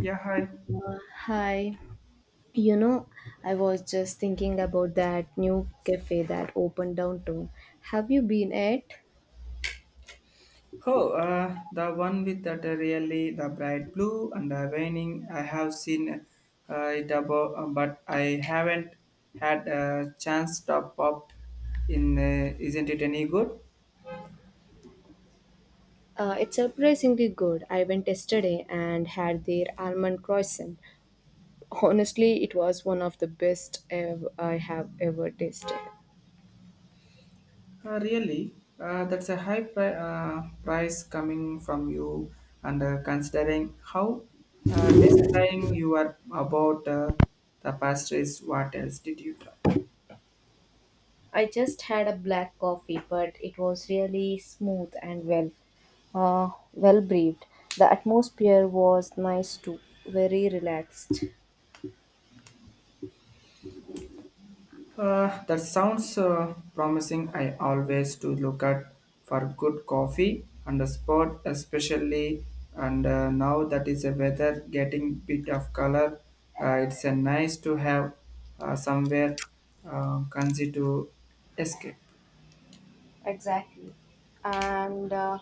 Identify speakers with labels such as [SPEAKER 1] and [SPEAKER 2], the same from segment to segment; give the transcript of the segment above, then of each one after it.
[SPEAKER 1] Yeah, hi.
[SPEAKER 2] Hi. You know, I was just thinking about that new cafe that opened downtown. Have you been at?
[SPEAKER 1] Oh, the one with that really the bright blue and the raining. I have seen it above, but I haven't had a chance to pop in. Isn't it any good?
[SPEAKER 2] It's surprisingly good. I went yesterday and had their almond croissant. Honestly, it was one of the best I have ever tasted.
[SPEAKER 1] Really, that's a high price coming from you, and considering how describing you are about the pastries, what else did you try?
[SPEAKER 2] I just had a black coffee, but it was really smooth and well breathed. The atmosphere was nice too, very relaxed.
[SPEAKER 1] That sounds promising. I always do look at for good coffee on the spot, especially. And now that is the weather getting bit of color. It's nice to have somewhere concy to escape.
[SPEAKER 2] Exactly. And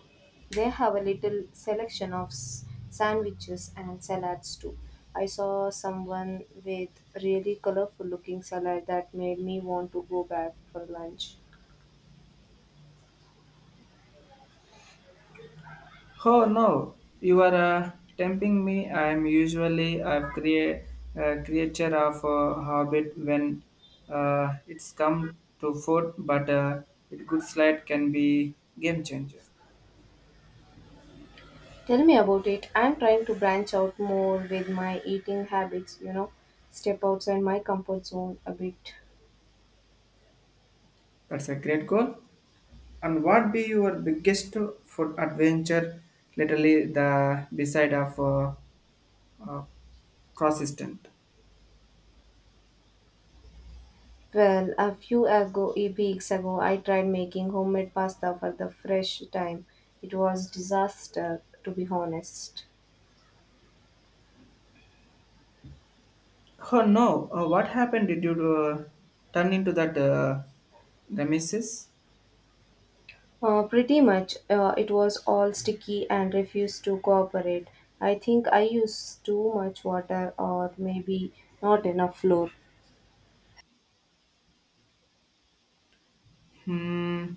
[SPEAKER 2] they have a little selection of sandwiches and salads too. I saw someone with really colorful looking salad that made me want to go back for lunch.
[SPEAKER 1] Oh no, you are tempting me. I am usually a creature of a habit when it's come to food, but a good slide can be game changer.
[SPEAKER 2] Tell me about it. I'm trying to branch out more with my eating habits, you know, step outside my comfort zone a bit.
[SPEAKER 1] That's a great goal. And what be your biggest food adventure? Literally the beside of uh, consistent.
[SPEAKER 2] Well, a few ago, a weeks ago, I tried making homemade pasta for the fresh time. It was disaster, to be honest.
[SPEAKER 1] Oh no, what happened? Did you turn into that nemesis?
[SPEAKER 2] Pretty much. It was all sticky and refused to cooperate. I think I used too much water or maybe not enough flour.
[SPEAKER 1] Hmm.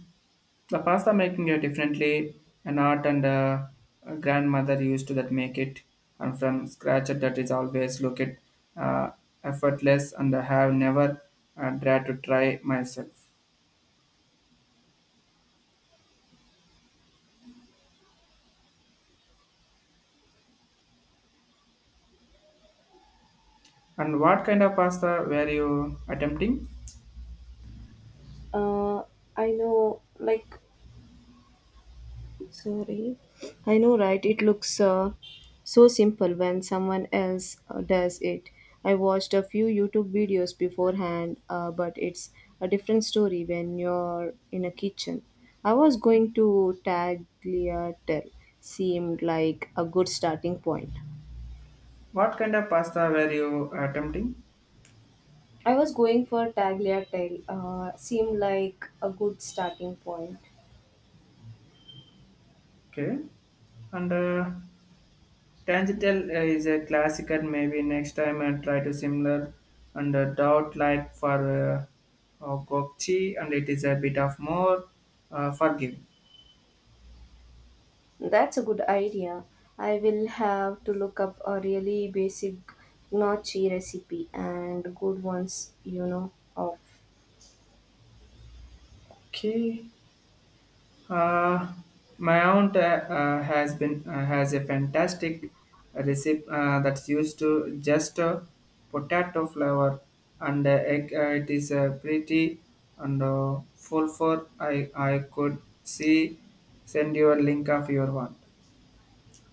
[SPEAKER 1] The pasta making it differently, an art and a grandmother used to that make it, and from scratch that is always look it uh, effortless, and I have never dared to try myself. And what kind of pasta were you attempting?
[SPEAKER 2] Uh, I know, like, sorry. I know, right? It looks so simple when someone else does it. I watched a few YouTube videos beforehand, but it's a different story when you're in a kitchen. I was going to tagliatelle, seemed like a good starting point.
[SPEAKER 1] What kind of pasta were you attempting?
[SPEAKER 2] I was going for tagliatelle, seemed like a good starting point.
[SPEAKER 1] Okay, and. Tangital is a classic, and maybe next time I try to similar and a dot like for Gokchi, and it is a bit of more forgiving.
[SPEAKER 2] That's a good idea. I will have to look up a really basic gnocchi recipe and good ones, you know, of.
[SPEAKER 1] Okay, uh, my aunt has been has a fantastic recipe that's used to just potato flour and egg. It is pretty and full for I could see. Send your link of your one.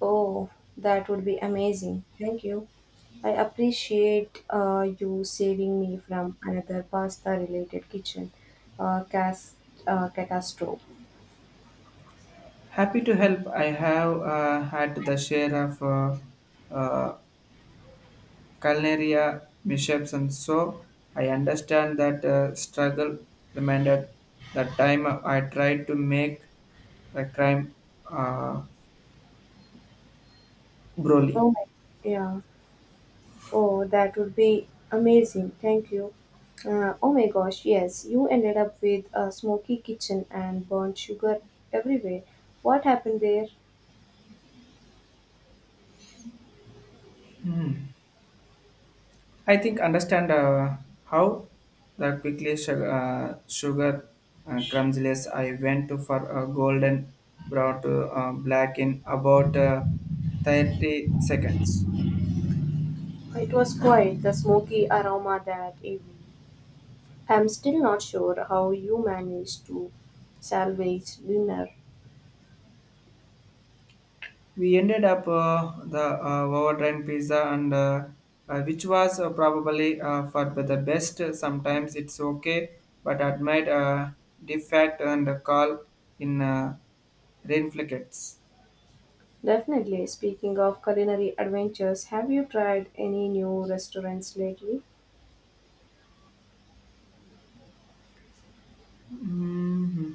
[SPEAKER 2] Oh, that would be amazing. Thank you. I appreciate you saving me from another pasta related kitchen uh, cast, catastrophe.
[SPEAKER 1] Happy to help. I have had the share of uh, culinary mishaps, and so I understand that struggle. Reminded the time I tried to make the crime uh, broly.
[SPEAKER 2] Oh, my- yeah. Oh, that would be amazing. Thank you. Oh my gosh, yes, you ended up with a smoky kitchen and burnt sugar everywhere. What happened there?
[SPEAKER 1] Hmm. I think understand how the quickly sugar crumbsless. I went to for a golden brown to black in about 30 seconds.
[SPEAKER 2] It was quite the smoky aroma that evening. I'm still not sure how you managed to salvage dinner.
[SPEAKER 1] We ended up the overtrained pizza, and which was probably for the best. Sometimes it's okay, but admit defect and call in reinflicts.
[SPEAKER 2] Definitely, speaking of culinary adventures, have you tried any new restaurants lately?
[SPEAKER 1] Hmm.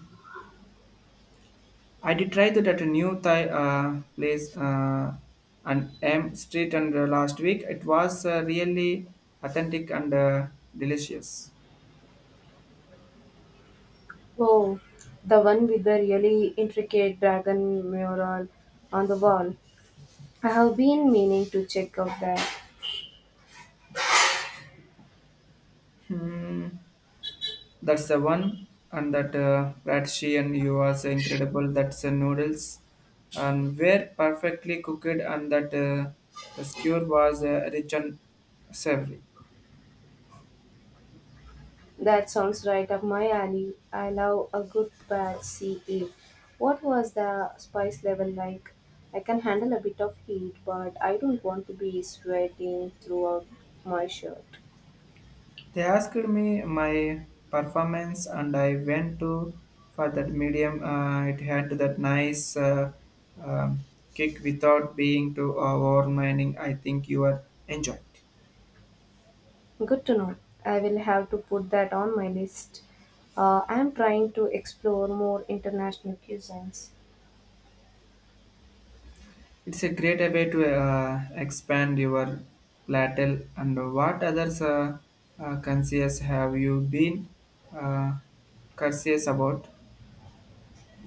[SPEAKER 1] I did try that at a new Thai place on M Street and last week. It was really authentic and delicious.
[SPEAKER 2] Oh, the one with the really intricate dragon mural on the wall. I have been meaning to check out that.
[SPEAKER 1] Hmm. That's the one, and that she and you was incredible. That's the noodles, and were perfectly cooked, and that the skewer was rich and savory.
[SPEAKER 2] That sounds right up my alley. I love a good bad CA. What was the spice level like? I can handle a bit of heat, but I don't want to be sweating throughout my shirt.
[SPEAKER 1] They asked me my performance, and I went to for that medium. It had that nice um kick without being too overwhelming. I think you are enjoyed.
[SPEAKER 2] Good to know. I will have to put that on my list. I am trying to explore more international cuisines.
[SPEAKER 1] It's a great way to expand your platel. And what others conscious have you been uh, conscious about?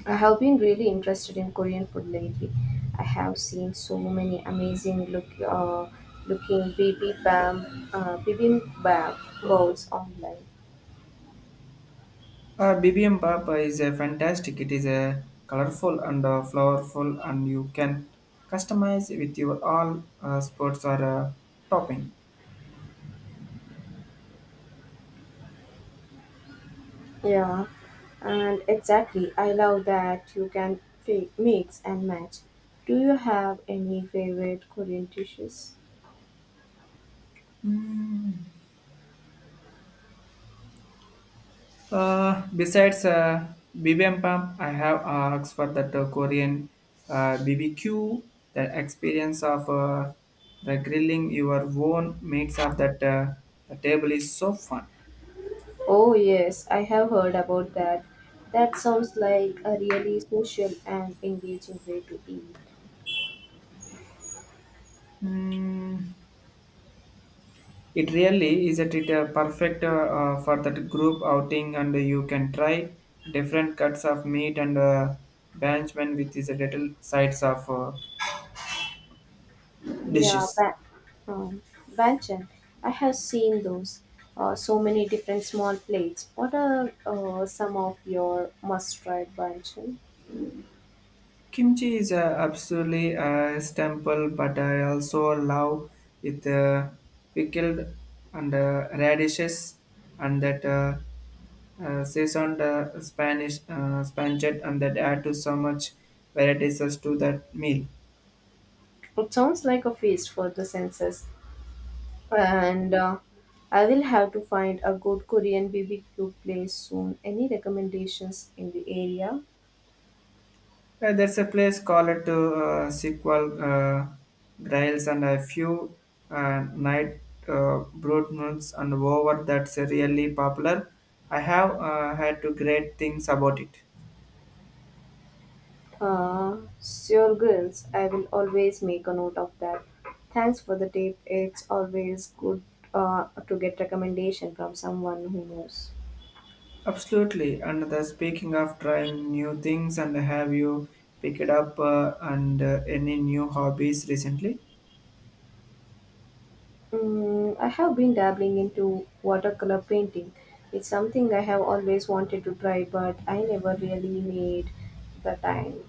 [SPEAKER 2] I have been really interested in Korean food lately. I have seen so many amazing looking bibimbap bowls online.
[SPEAKER 1] BBM Papa is a fantastic. It is a colorful and flowerful, and you can customize with your all sports or topping.
[SPEAKER 2] Yeah, and exactly. I love that you can mix and match. Do you have any favorite Korean dishes?
[SPEAKER 1] Mm, Besides bibimbap, I have asked for that Korean BBQ. The experience of the grilling your own meats of that the table is so fun.
[SPEAKER 2] Oh yes, I have heard about that. That sounds like a really social and engaging way to eat.
[SPEAKER 1] Mm, it really is a it, perfect for that group outing, and you can try different cuts of meat and banchman with these little sides of
[SPEAKER 2] Yeah,
[SPEAKER 1] dishes.
[SPEAKER 2] um, banchan. I have seen those. So many different small plates. What are some of your must-try banchan?
[SPEAKER 1] Kimchi is absolutely a staple, but I also love with pickled and radishes and that seasoned Spanish spanchet and that add to so much varieties as to that meal.
[SPEAKER 2] It sounds like a feast for the senses. And I will have to find a good Korean BBQ place soon. Any recommendations in the area?
[SPEAKER 1] There's a place called to sequel Grails and a few night brood moons and over that's really popular. I have had to great things about it.
[SPEAKER 2] Sure, girls. I will always make a note of that. Thanks for the tip. It's always good to get recommendation from someone who knows.
[SPEAKER 1] Absolutely. And the speaking of trying new things, and have you picked up and any new hobbies recently?
[SPEAKER 2] I have been dabbling into watercolor painting. It's something I have always wanted to try, but I never really made the time.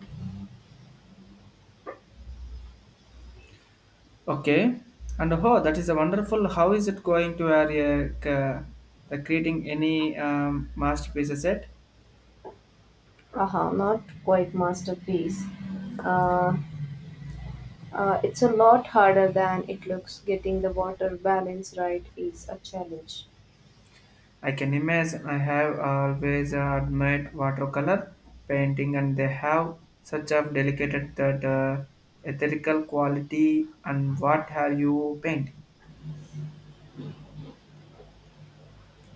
[SPEAKER 1] Okay. And oh, that is a wonderful. How is it going to area the creating any masterpieces yet?
[SPEAKER 2] Aha, not quite masterpiece. Uh, it's a lot harder than it looks. Getting the water balance right is a challenge.
[SPEAKER 1] I can imagine. I have always admired watercolor painting, and they have such a delicate that ethereal quality. And what have you paint?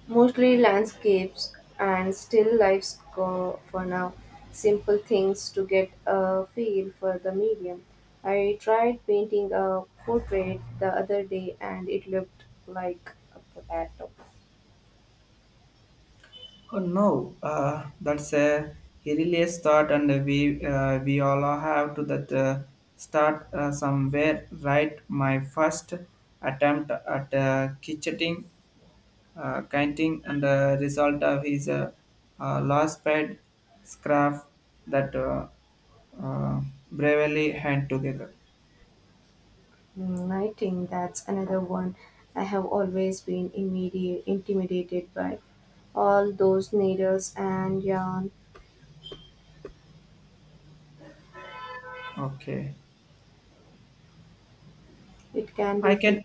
[SPEAKER 2] Mostly landscapes and still lifes go for now. Simple things to get a feel for the medium. I tried painting a portrait the other day and it looked like a potato.
[SPEAKER 1] Oh no, that's a hilarious thought, and we all have to that start somewhere. Right, my first attempt at kitchening, canting, and the result of his last pad scrap that uh, bravely hand together.
[SPEAKER 2] I think that's another one I have always been intimidated by. All those needles and yarn,
[SPEAKER 1] Okay.
[SPEAKER 2] it can be
[SPEAKER 1] I
[SPEAKER 2] tricky.
[SPEAKER 1] can.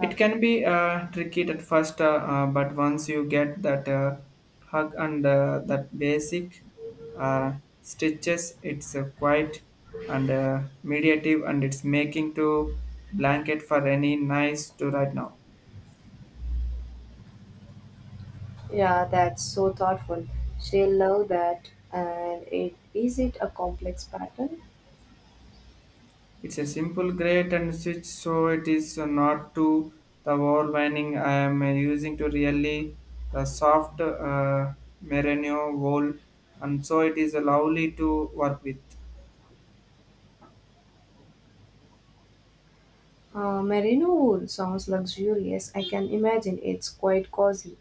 [SPEAKER 1] It can be tricky at first, but once you get that hug and that basic uh, stitches, it's quite and mediative, and it's making to blanket for any nice to right now.
[SPEAKER 2] Yeah, that's so thoughtful. She'll love that. And it is it a complex pattern?
[SPEAKER 1] It's a simple grate and switch, so it is not to the overwhelming. I am using to really the soft merino wool, and so it is lovely to work with.
[SPEAKER 2] Merino wool sounds luxurious. I can imagine it's quite cozy.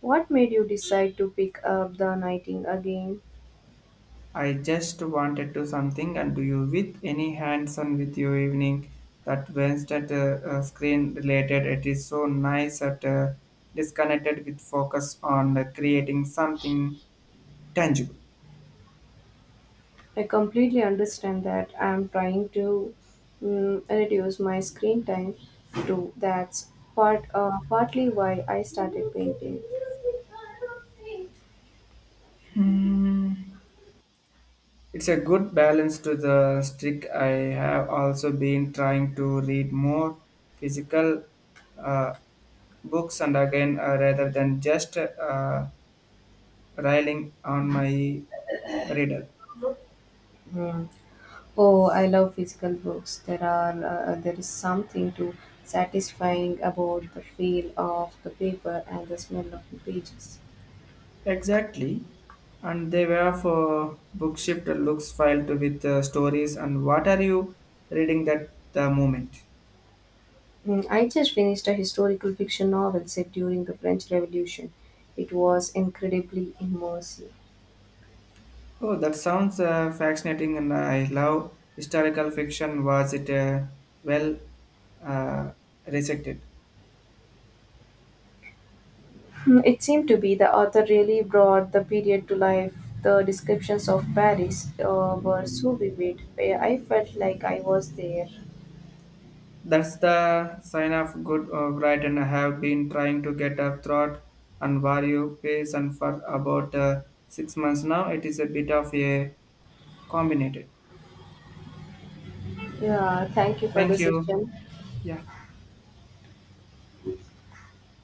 [SPEAKER 2] What made you decide to pick up the knitting again?
[SPEAKER 1] I just wanted to something and do you with any hands-on with your evening that Wednesday screen related. It is so nice that disconnected with focus on creating something tangible.
[SPEAKER 2] I completely understand that. I'm trying to reduce my screen time too. That's partly why I started painting.
[SPEAKER 1] Hmm. It's a good balance to the strict. I have also been trying to read more physical uh, books and again rather than just railing on my reader.
[SPEAKER 2] Oh, I love physical books. There is something to satisfying about the feel of the paper and the smell of the pages.
[SPEAKER 1] Exactly. And they were for Bookshift looks filed with stories. And what are you reading that the moment?
[SPEAKER 2] I just finished a historical fiction novel set during the French Revolution. It was incredibly immersive.
[SPEAKER 1] Oh, that sounds fascinating, and I love historical fiction. Was it well uh, rejected?
[SPEAKER 2] Mm, it seemed to be the author really brought the period to life. The descriptions of Paris were so vivid. I felt like I was there.
[SPEAKER 1] That's the sign of good writing. I have been trying to get a thought and value pace and for about 6 months now. It is a bit of a combinated.
[SPEAKER 2] Yeah, thank you for the
[SPEAKER 1] Thank you.
[SPEAKER 2] session.
[SPEAKER 1] Yeah.